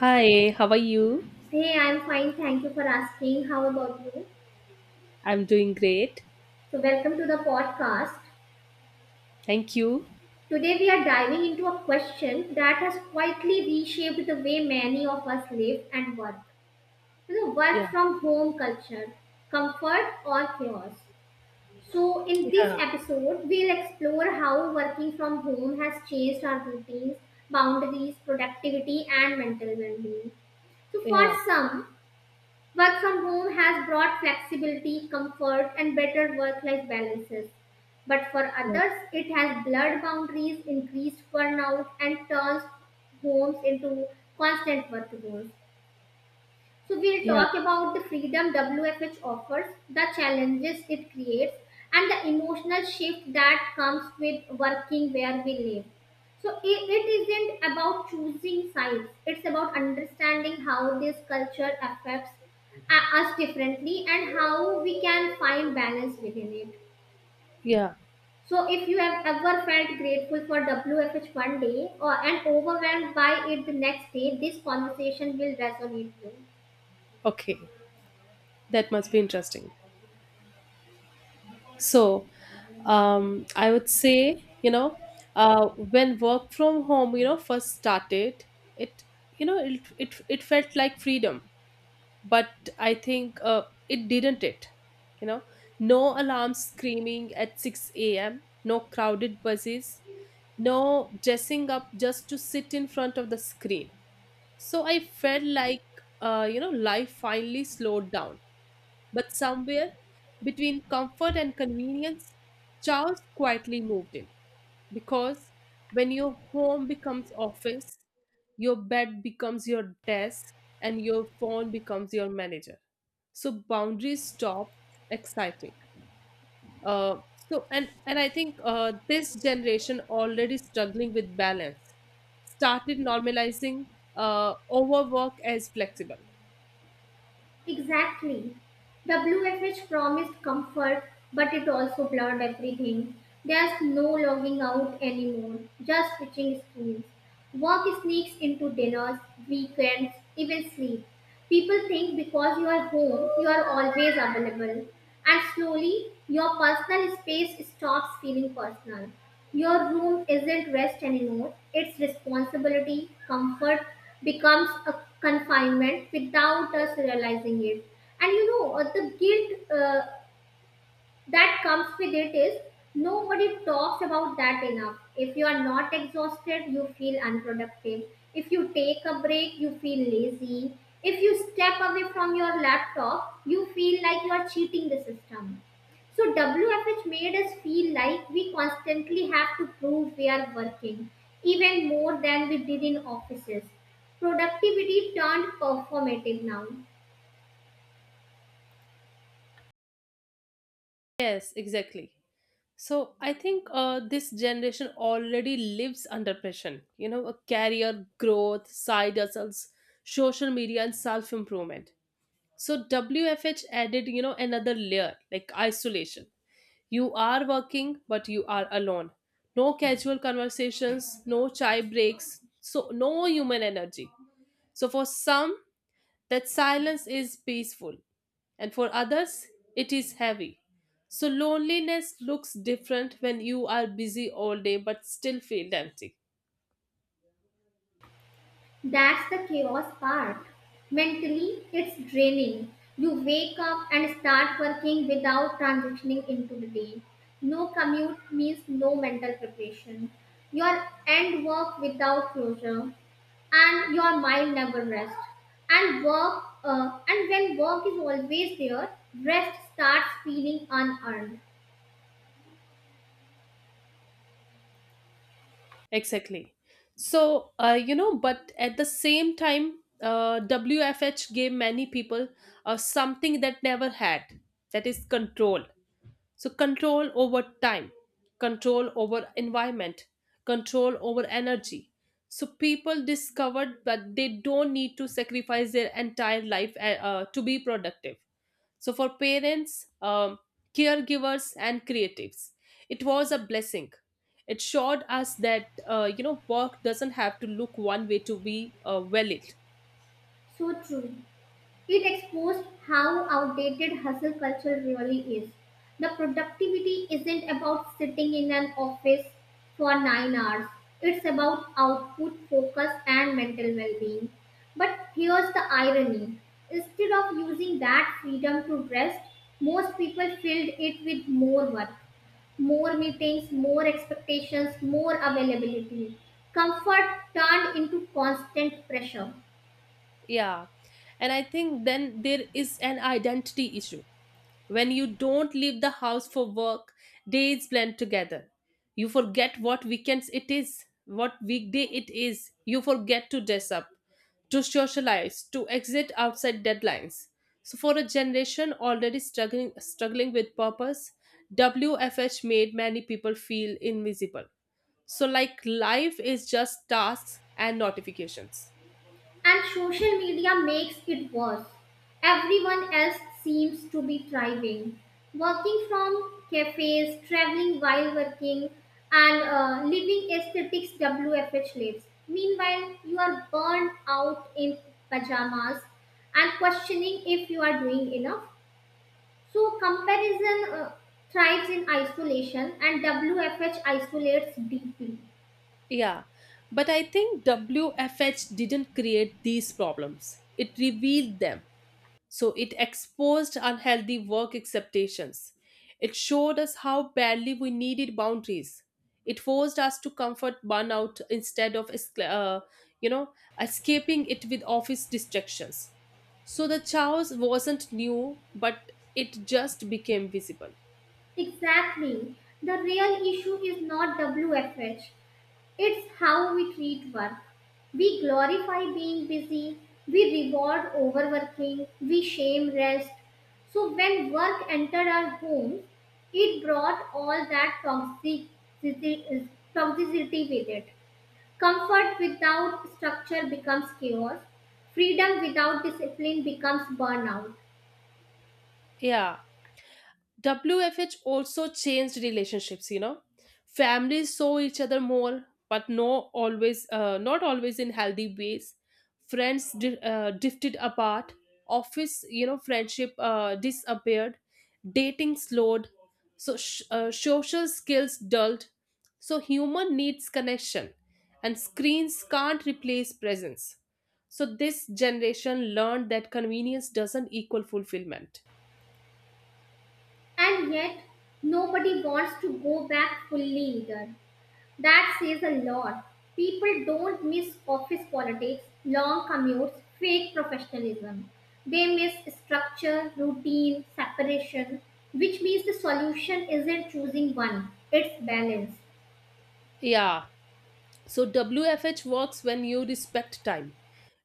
Hi, how are you? Hey, I'm fine. Thank you for asking. How about you? I'm doing great. So, welcome to the podcast. Thank you. Today, we are diving into a question that has quietly reshaped the way many of us live and work. You know, Yeah, work from home culture, comfort or chaos. So, in this yeah, episode, we'll explore how working from home has changed our routines, boundaries, productivity, and mental well being. So for yeah, some, work from home has brought flexibility, comfort, and better work life balances. But for yeah, others, it has blurred boundaries, increased burnout, and turns homes into constant work zones. So we'll yeah. talk about the freedom WFH offers, the challenges it creates, and the emotional shift that comes with working where we live. So it isn't about choosing sides, it's about understanding how this culture affects us differently and how we can find balance within it. Yeah. So if you have ever felt grateful for WFH one day or and overwhelmed by it the next day, this conversation will resonate with you. Okay, that must be interesting. So, I would say, you know, when work from home, you know, first started, it, you know, it felt like freedom but I think it didn't it you know no alarm screaming at 6 a.m., no crowded buses, no dressing up just to sit in front of the screen. So I felt like, you know, life finally slowed down. But somewhere between comfort and convenience, Charles quietly moved in. Because when your home becomes office, your bed becomes your desk, and your phone becomes your manager. So boundaries stop exciting. Uh, so and I think this generation already struggling with balance started normalizing overwork as flexible. Exactly. WFH promised comfort, but it also blurred everything. There's no logging out anymore, just switching screens. Work sneaks into dinners, weekends, even sleep. People think because you are home, you are always available. And slowly, your personal space stops feeling personal. Your room isn't rest anymore, it's responsibility. Comfort becomes a confinement without us realizing it, and the guilt that comes with it is nobody talks about that enough. If you are not exhausted, you feel unproductive. If you take a break, you feel lazy. If you step away from your laptop, you feel like you are cheating the system. So WFH made us feel like we constantly have to prove we are working, even more than we did in offices. Productivity turned performative now. Yes, exactly. So I think this generation already lives under pressure, you know, a career growth, side hustles, social media, and self improvement. So WFH added, you know, another layer like isolation. You are working, but you are alone. No casual conversations, no chai breaks, so no human energy. So for some, that silence is peaceful, and for others, it is heavy. So, loneliness looks different when you are busy all day but still feel empty. That's the chaos part. Mentally, it's draining. You wake up and start working without transitioning into the day. No commute means no mental preparation. Your end work without closure, and your mind never rests. And when work is always there, rest starts feeling unearned. Exactly. So, you know, but at the same time, WFH gave many people something that never had, that is control. So control over time, control over environment, control over energy. So people discovered that they don't need to sacrifice their entire life to be productive. So for parents, caregivers, and creatives, it was a blessing. It showed us that you know work doesn't have to look one way to be valid. So true. It exposed how outdated hustle culture really is. The productivity isn't about sitting in an office for 9 hours, it's about output, focus, and mental well being. But here's the irony: instead of using that freedom to rest, most people filled it with more work, more meetings, more expectations, more availability. Comfort turned into constant pressure. Yeah, and I think then there is an identity issue. When you don't leave the house for work, days blend together. You forget what weekends it is, what weekday it is. You forget to dress up, to socialize, to exit outside deadlines. So for a generation already struggling with purpose, WFH made many people feel invisible. So like life is just tasks and notifications. And social media makes it worse. Everyone else seems to be thriving. Working from cafes, traveling while working, and living aesthetics WFH lives. Meanwhile, you are burned out in pajamas and questioning if you are doing enough. So, comparison thrives in isolation, and WFH isolates deeply. Yeah, but I think WFH didn't create these problems. It revealed them. So it exposed unhealthy work expectations. It showed us how badly we needed boundaries. It forced us to comfort burnout instead of you know, escaping it with office distractions. So the chaos wasn't new, but it just became visible. Exactly. The real issue is not WFH, it's how we treat work. We glorify being busy, we reward overworking, we shame rest. So when work entered our homes, it brought all that toxicity with it. Comfort without structure becomes chaos, freedom without discipline becomes burnout. Yeah, WFH also changed relationships, you know. Families saw each other more, but no always not always in healthy ways. Friends drifted apart. Office friendship disappeared. Dating slowed. So social skills dulled. So human needs connection, and screens can't replace presence. So this generation learned that convenience doesn't equal fulfillment. And yet, nobody wants to go back fully either. That says a lot. People don't miss office politics, long commutes, fake professionalism. They miss structure, routine, separation, which means the solution isn't choosing one, it's balance. Yeah. So WFH works when you respect time,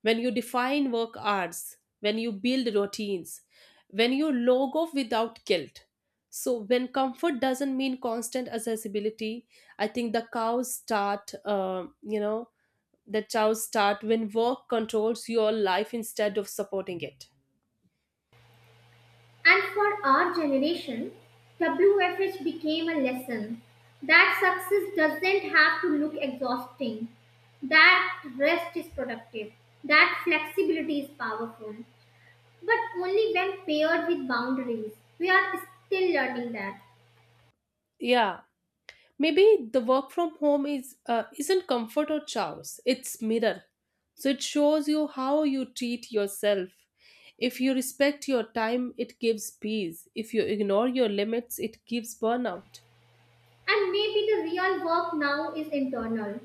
when you define work hours, when you build routines, when you log off without guilt. So when comfort doesn't mean constant accessibility, I think the chows start when work controls your life instead of supporting it. And for our generation, WFH became a lesson that success doesn't have to look exhausting, that rest is productive, that flexibility is powerful, but only when paired with boundaries. We are still learning that. Yeah. Maybe the work from home is isn't comfort or choice; it's mirror. So it shows you how you treat yourself. If you respect your time, it gives peace. If you ignore your limits, it gives burnout. And maybe the real work now is internal.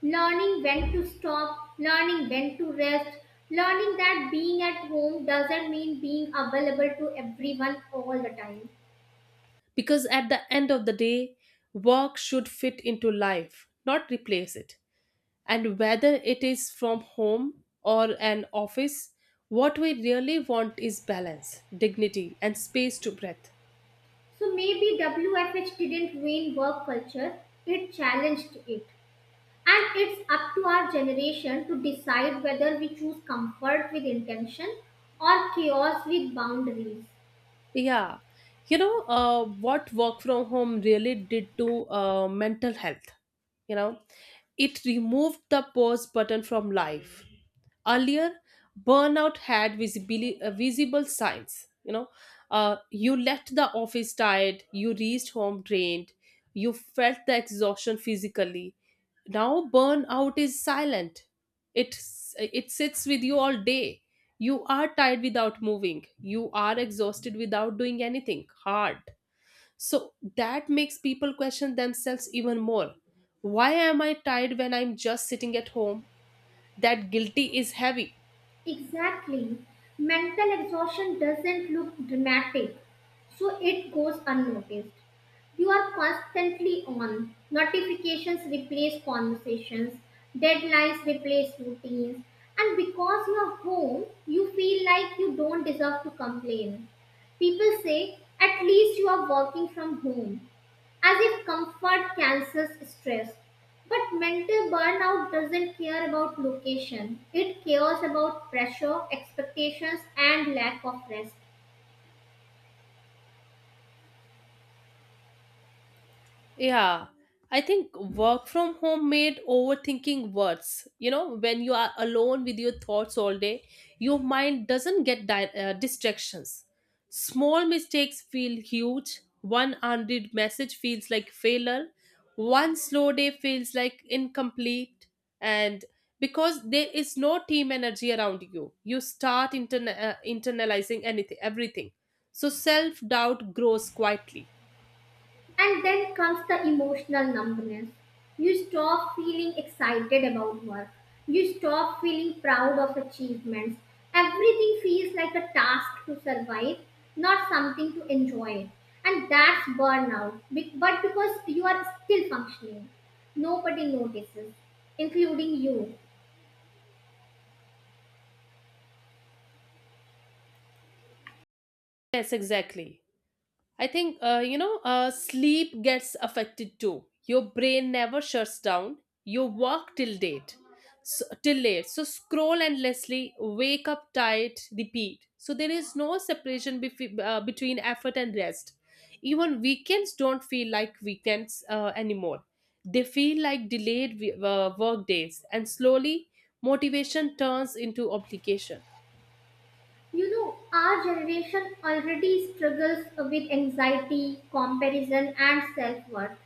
Learning when to stop, learning when to rest, learning that being at home doesn't mean being available to everyone all the time. Because at the end of the day, work should fit into life, not replace it. And whether it is from home or an office, what we really want is balance, dignity, and space to breathe. So maybe WFH didn't ruin work culture, it challenged it. And it's up to our generation to decide whether we choose comfort with intention or chaos with boundaries. Yeah. You know, what work from home really did to mental health? You know, it removed the pause button from life. Earlier, burnout had visible signs. You know, you left the office tired, you reached home drained, you felt the exhaustion physically. Now, burnout is silent. It sits with you all day. You are tired without moving. You are exhausted without doing anything hard. So that makes people question themselves even more. Why am I tired when I'm just sitting at home? That guilty is heavy. Exactly. Mental exhaustion doesn't look dramatic, so it goes unnoticed. You are constantly on. Notifications replace conversations, deadlines replace routines, and because you're home, you feel like you don't deserve to complain. People say, at least you are working from home, as if comfort cancels stress. But mental burnout doesn't care about location, it cares about pressure, expectations, and lack of rest. Yeah, I think work from home made overthinking worse. You know, when you are alone with your thoughts all day, your mind doesn't get distractions. Small mistakes feel huge. One unread message feels like failure. One slow day feels like incomplete. And because there is no team energy around you, you start internalizing anything, everything. So self doubt grows quietly. And then comes the emotional numbness. You stop feeling excited about work. You stop feeling proud of achievements. Everything feels like a task to survive, not something to enjoy. And that's burnout. But because you are still functioning, nobody notices, including you. Yes, exactly. I think, you know, sleep gets affected too. Your brain never shuts down. You work till late. So scroll endlessly, wake up tired, repeat. So there is no separation between effort and rest. Even weekends don't feel like weekends anymore. They feel like delayed work days, and slowly motivation turns into obligation. You know, our generation already struggles with anxiety, comparison, and self worth.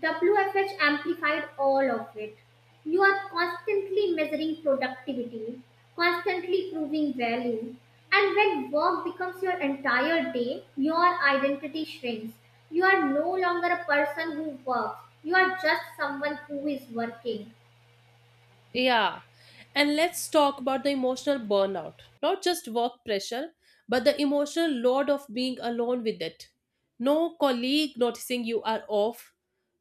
WFH amplified all of it. You are constantly measuring productivity, constantly proving value. And when work becomes your entire day, your identity shrinks. You are no longer a person who works, you are just someone who is working. Yeah. And let's talk about the emotional burnout. Not just work pressure, but the emotional load of being alone with it. No colleague noticing you are off.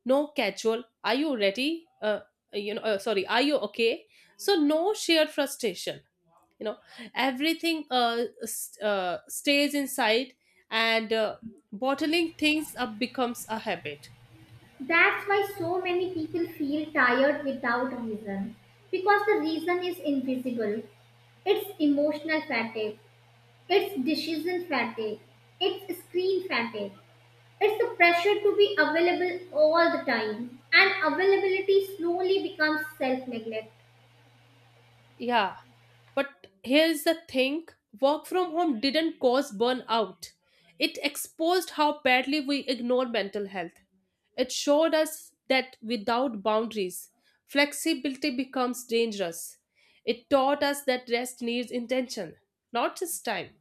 No casual. Are you ready? Sorry, are you okay? So no shared frustration, you know, everything stays inside, and bottling things up becomes a habit. That's why so many people feel tired without a reason, because the reason is invisible. It's emotional fatigue. It's decision fatigue. It's screen fatigue. It's the pressure to be available all the time, and availability slowly becomes self neglect. Yeah. But here's the thing, work from home didn't cause burnout, it exposed how badly we ignore mental health. It showed us that without boundaries, flexibility becomes dangerous. It taught us that rest needs intention, not just time.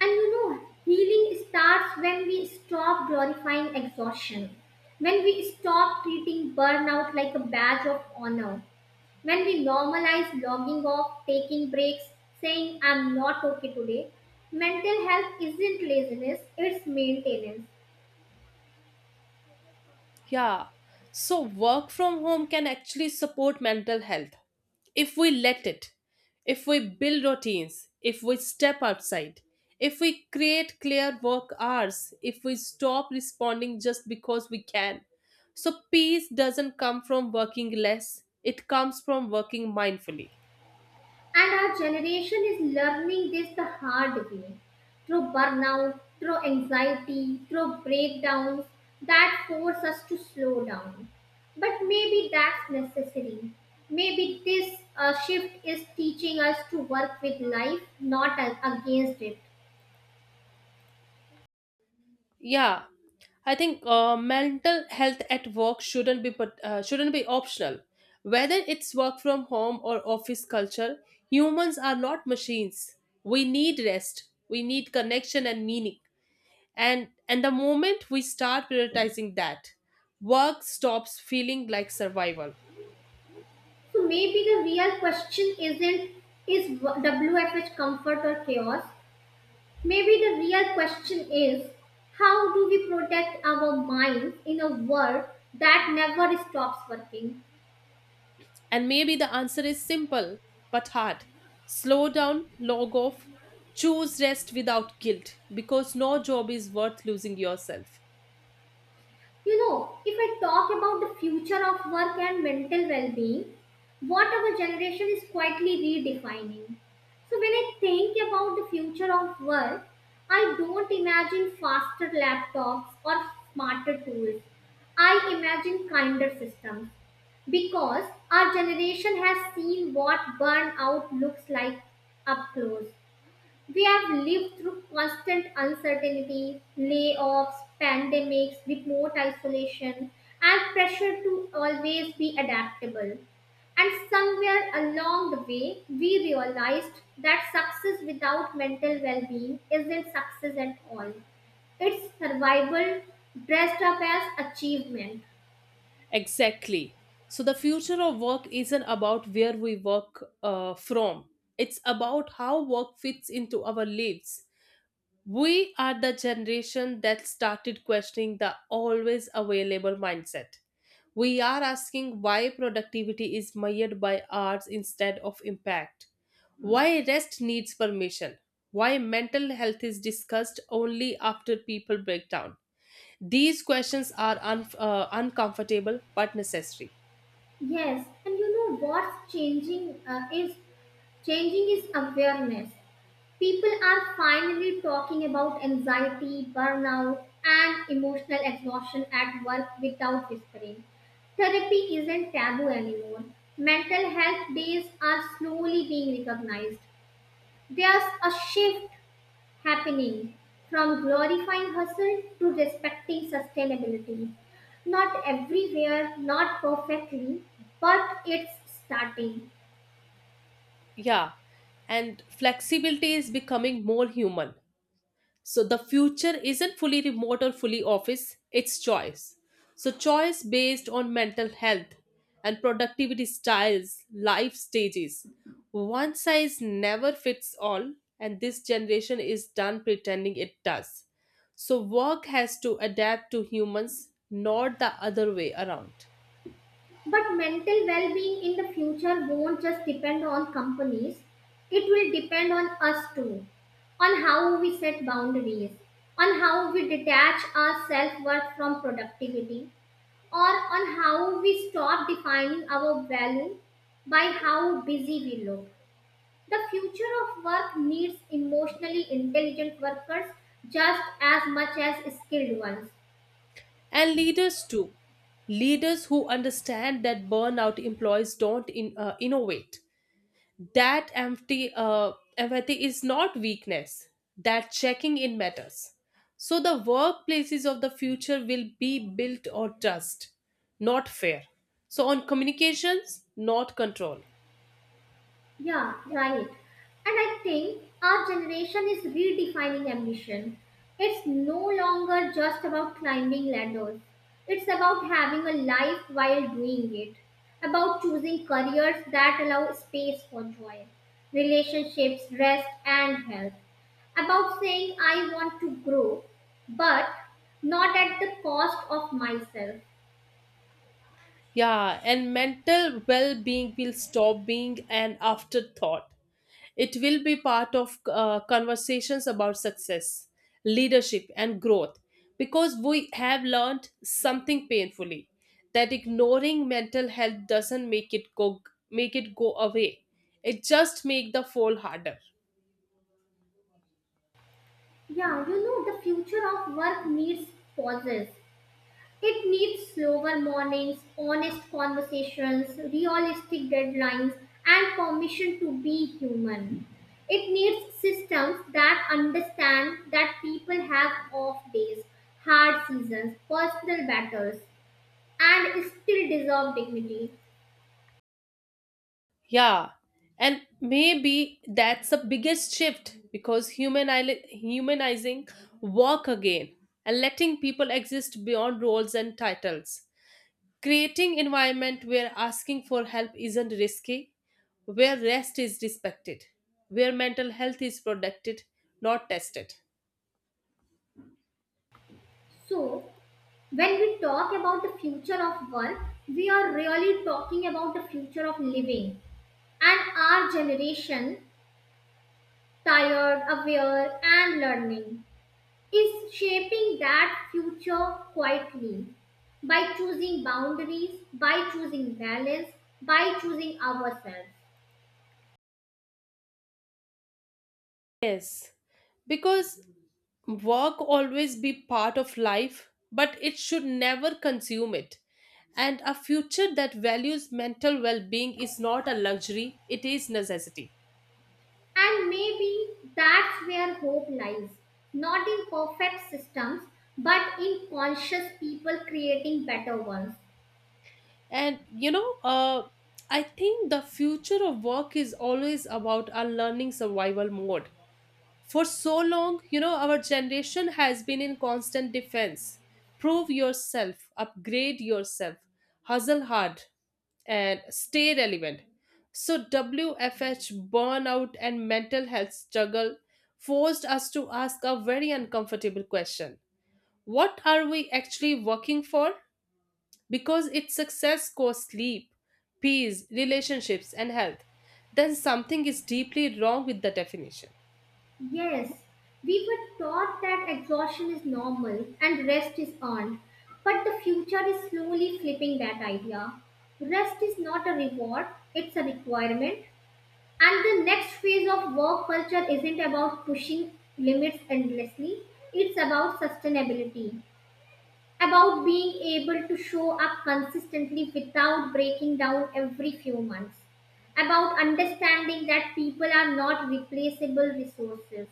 And you know, healing starts when we stop glorifying exhaustion, when we stop treating burnout like a badge of honor, when we normalize logging off, taking breaks, saying, I'm not okay today. Mental health isn't laziness, it's maintenance. Yeah. So work from home can actually support mental health if we let it, if we build routines, if we step outside, if we create clear work hours, if we stop responding just because we can. So, peace doesn't come from working less, it comes from working mindfully. And our generation is learning this the hard way, through burnout, through anxiety, through breakdowns that force us to slow down. But maybe that's necessary. Maybe this shift is teaching us to work with life, not against it. Yeah, I think mental health at work shouldn't be optional. Whether it's work from home or office culture, humans are not machines. We need rest. We need connection and meaning. And the moment we start prioritizing that, work stops feeling like survival. So maybe the real question isn't, is WFH comfort or chaos? Maybe the real question is, how do we protect our minds in a world that never stops working? And maybe the answer is simple but hard. Slow down, log off, choose rest without guilt because no job is worth losing yourself. You know, if I talk about the future of work and mental well being, what our generation is quietly redefining. So, when I think about the future of work, I don't imagine faster laptops or smarter tools. I imagine kinder systems, because our generation has seen what burnout looks like up close. We have lived through constant uncertainty, layoffs, pandemics, remote isolation, and pressure to always be adaptable. And somewhere along the way, we realized that success without mental well being isn't success at all. It's survival dressed up as achievement. Exactly. So the future of work isn't about where we work from. It's about how work fits into our lives. We are the generation that started questioning the always available mindset. We are asking why productivity is measured by hours instead of impact. Why rest needs permission. Why mental health is discussed only after people break down. These questions are uncomfortable but necessary. Yes, and you know what's changing is awareness. People are finally talking about anxiety, burnout, and emotional exhaustion at work without whispering. Therapy isn't taboo anymore. Mental health days are slowly being recognized. There's a shift happening from glorifying hustle to respecting sustainability. Not everywhere, not perfectly, but it's starting. Yeah, and flexibility is becoming more human. So the future isn't fully remote or fully office, it's choice. So choice based on mental health and productivity styles, life stages. One size never fits all, and this generation is done pretending it does. So work has to adapt to humans, not the other way around. But mental well being in the future won't just depend on companies, it will depend on us too, on how we set boundaries, on how we detach our self worth from productivity, or on how we stop defining our value by how busy we look. The future of work needs emotionally intelligent workers just as much as skilled ones. And leaders too. Leaders who understand that burnout employees don't innovate, that empty empathy is not weakness, that checking in matters. So the workplaces of the future will be built on trust, not fear, so on communications, not control. Yeah, right. And I think our generation is redefining ambition. It's no longer just about climbing ladders, it's about having a life while doing it, about choosing careers that allow space for joy, relationships, rest, and health, about saying, I want to grow, but not at the cost of myself. Yeah, and mental well being will stop being an afterthought. It will be part of conversations about success, leadership, and growth because we have learned something painfully that ignoring mental health doesn't make it go away. It just make the fall harder. Yeah, you know, the future of work needs pauses. It needs slower mornings, honest conversations, realistic deadlines, and permission to be human. It needs systems that understand that people have off days, hard seasons, personal battles, and still deserve dignity. Yeah, and maybe that's the biggest shift because humanizing work again and letting people exist beyond roles and titles, creating environment where asking for help isn't risky, where rest is respected, where mental health is protected, not tested. So, when we talk about the future of work, we are really talking about the future of living, and our generation, tired, aware, and learning, is shaping that future quietly by choosing boundaries, by choosing balance, by choosing ourselves. Yes, because work always be part of life but it should never consume it, and a future that values mental well-being is not a luxury, it is necessity. And maybe that's where hope lies, not in perfect systems, but in conscious people creating better ones. And you know, I think the future of work is always about a learning survival mode. For so long, you know, our generation has been in constant defense. Prove yourself, upgrade yourself, hustle hard, and stay relevant. So, WFH, burnout, and mental health struggle forced us to ask a very uncomfortable question. What are we actually working for? Because if success costs sleep, peace, relationships, and health, then something is deeply wrong with the definition. Yes, we were taught that exhaustion is normal and rest is earned, but the future is slowly flipping that idea. Rest is not a reward, it's a requirement. And the next phase of work culture isn't about pushing limits endlessly, it's about sustainability, about being able to show up consistently without breaking down every few months, about understanding that people are not replaceable resources.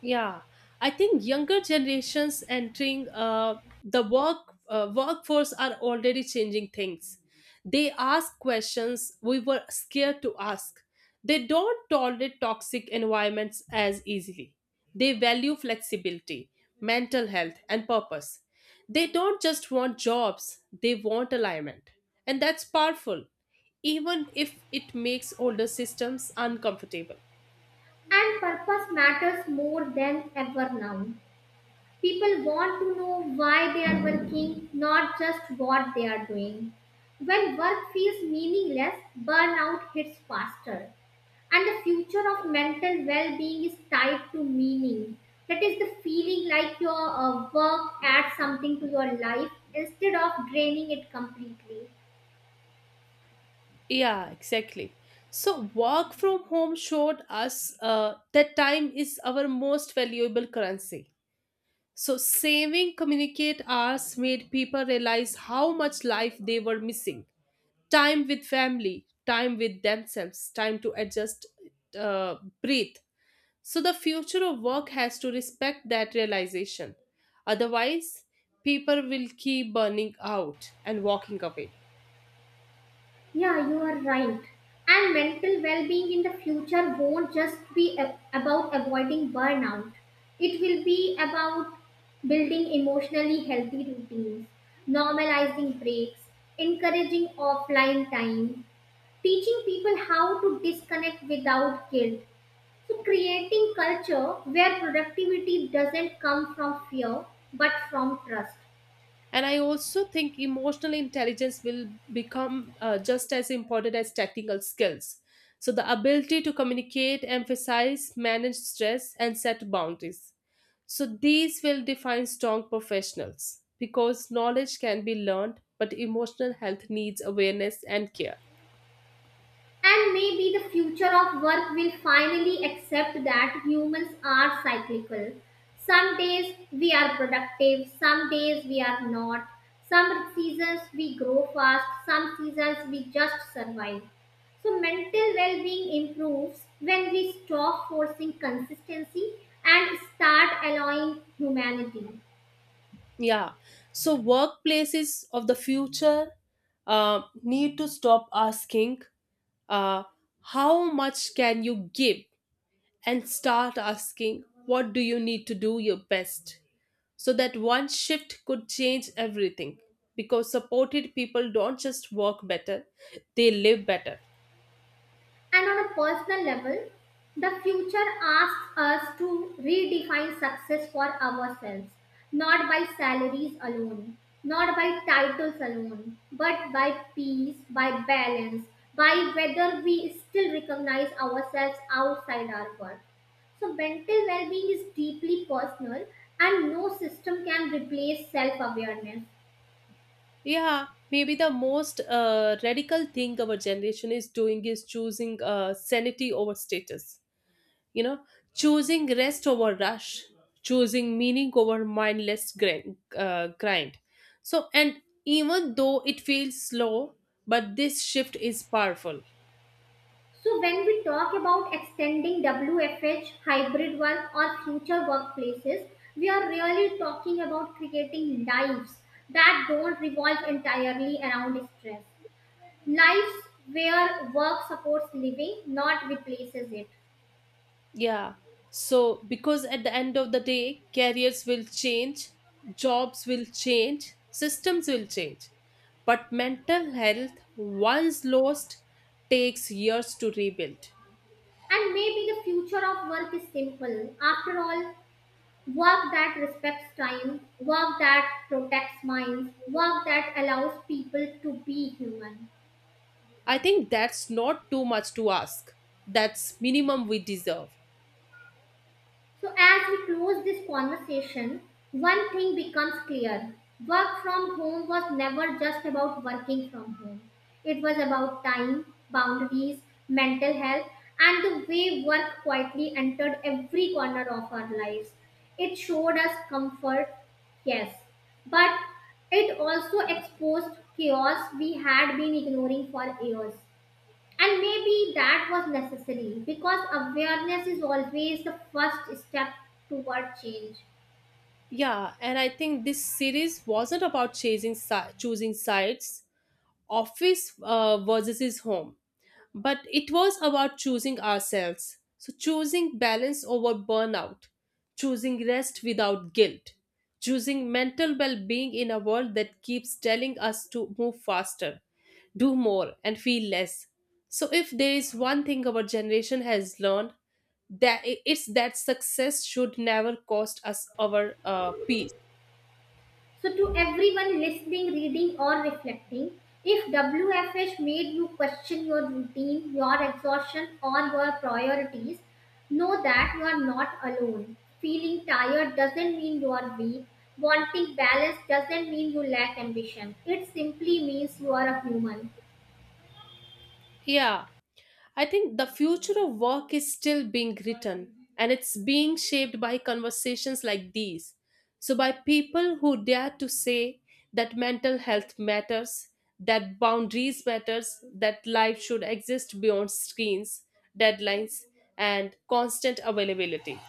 Yeah, I think younger generations entering the work workforce are already changing things. They ask questions we were scared to ask. They don't tolerate toxic environments as easily. They value flexibility, mental health, and purpose. They don't just want jobs, they want alignment. And that's powerful, even if it makes older systems uncomfortable. And purpose matters more than ever now. People want to know why they are working, not just what they are doing. When work feels meaningless, burnout hits faster. And the future of mental well being is tied to meaning. That is the feeling like your work adds something to your life instead of draining it completely. Yeah, exactly. So, work from home showed us that time is our most valuable currency. So, saving communicate hours made people realize how much life they were missing time with family, time with themselves, time to adjust, uh, breathe. So, the future of work has to respect that realization. Otherwise, people will keep burning out and walking away. Yeah, you are right. And mental well being in the future won't just be about avoiding burnout, it will be about building emotionally healthy routines, normalizing breaks, encouraging offline time, teaching people how to disconnect without guilt. So, creating culture where productivity doesn't come from fear but from trust. And I also think emotional intelligence will become just as important as technical skills, so the ability to communicate, emphasize, manage stress, and set boundaries. So these will define strong professionals because knowledge can be learned but emotional health needs awareness and care. And maybe the future of work will finally accept that humans are cyclical. Some days we are productive, some days we are not. Some seasons we grow fast, some seasons we just survive. So, mental well being improves when we stop forcing consistency and start allowing humanity. Yeah, so workplaces of the future need to stop asking, uh, how much can you give, and start asking, what do you need to do your best? So that one shift could change everything. Because supported people don't just work better, they live better. And on a personal level, the future asks us to redefine success for ourselves, not by salaries alone, not by titles alone, but by peace, by balance, by whether we still recognize ourselves outside our work. So, mental well being is deeply personal, and no system can replace self awareness. Yeah, maybe the most radical thing our generation is doing is choosing sanity over status. You know, choosing rest over rush, choosing meaning over mindless grind. So, and even though it feels slow, but this shift is powerful. So, when we talk about extending WFH, hybrid work, or future workplaces, we are really talking about creating lives that don't revolve entirely around stress. Lives where work supports living, not replaces it. Yeah. So, because at the end of the day, careers will change, jobs will change, systems will change. But mental health, once lost, takes years to rebuild. And maybe the future of work is simple. After all, work that respects time, work that protects minds, work that allows people to be human. I think that's not too much to ask. That's minimum we deserve. So, as we close this conversation, one thing becomes clear: work from home was never just about working from home, it was about time, boundaries, mental health, and the way work quietly entered every corner of our lives. It showed us comfort, yes, but it also exposed chaos we had been ignoring for years. And maybe that was necessary, because awareness is always the first step toward change. Yeah, and I think this series wasn't about choosing sides, office versus his home. But it was about choosing ourselves. So, choosing balance over burnout, choosing rest without guilt, choosing mental well being in a world that keeps telling us to move faster, do more, and feel less. So, if there is one thing our generation has learned, that it's that success should never cost us our peace. So, to everyone listening, reading, or reflecting, if WFH made you question your routine, your exhaustion, or your priorities, know that you are not alone. Feeling tired doesn't mean you are weak. Wanting balance doesn't mean you lack ambition. It simply means you are a human. Yeah, I think the future of work is still being written and it's being shaped by conversations like these. So, by people who dare to say that mental health matters, that boundaries matters, that life should exist beyond screens, deadlines, and constant availability.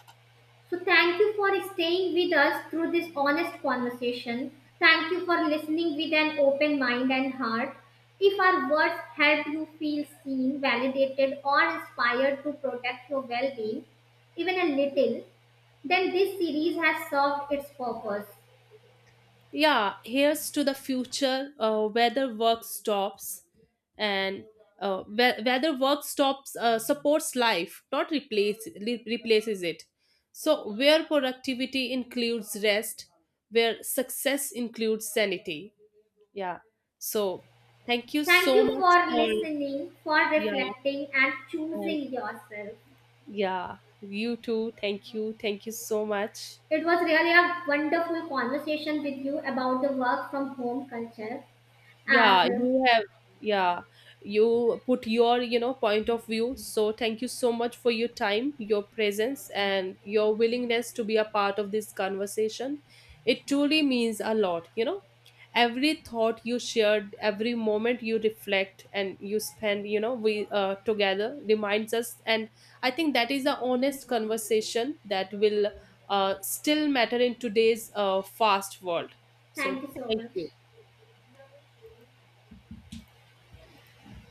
So, thank you for staying with us through this honest conversation. Thank you for listening with an open mind and heart. If our words help you feel seen, validated, or inspired to protect your well being, even a little, then this series has served its purpose. Yeah, here's to the future and whether work stops supports life, not replaces it. So, where productivity includes rest, where success includes sanity. Yeah. So, thank you Thank so you much for for, listening, for yeah, reflecting, and and choosing yourself. yeah, you too. Thank you. Thank you so much. It was really a wonderful conversation with you about the work from home culture, Yeah, and you have. Yeah, you put your point of view. So thank you so much for your time, your presence, and your willingness to be a part of this conversation. It truly means a lot, you know. Every thought you shared, every moment you reflect and you spend, you know, we together reminds us. And I think that is the honest conversation that will still matter in today's fast world. So thank you so thank much. you.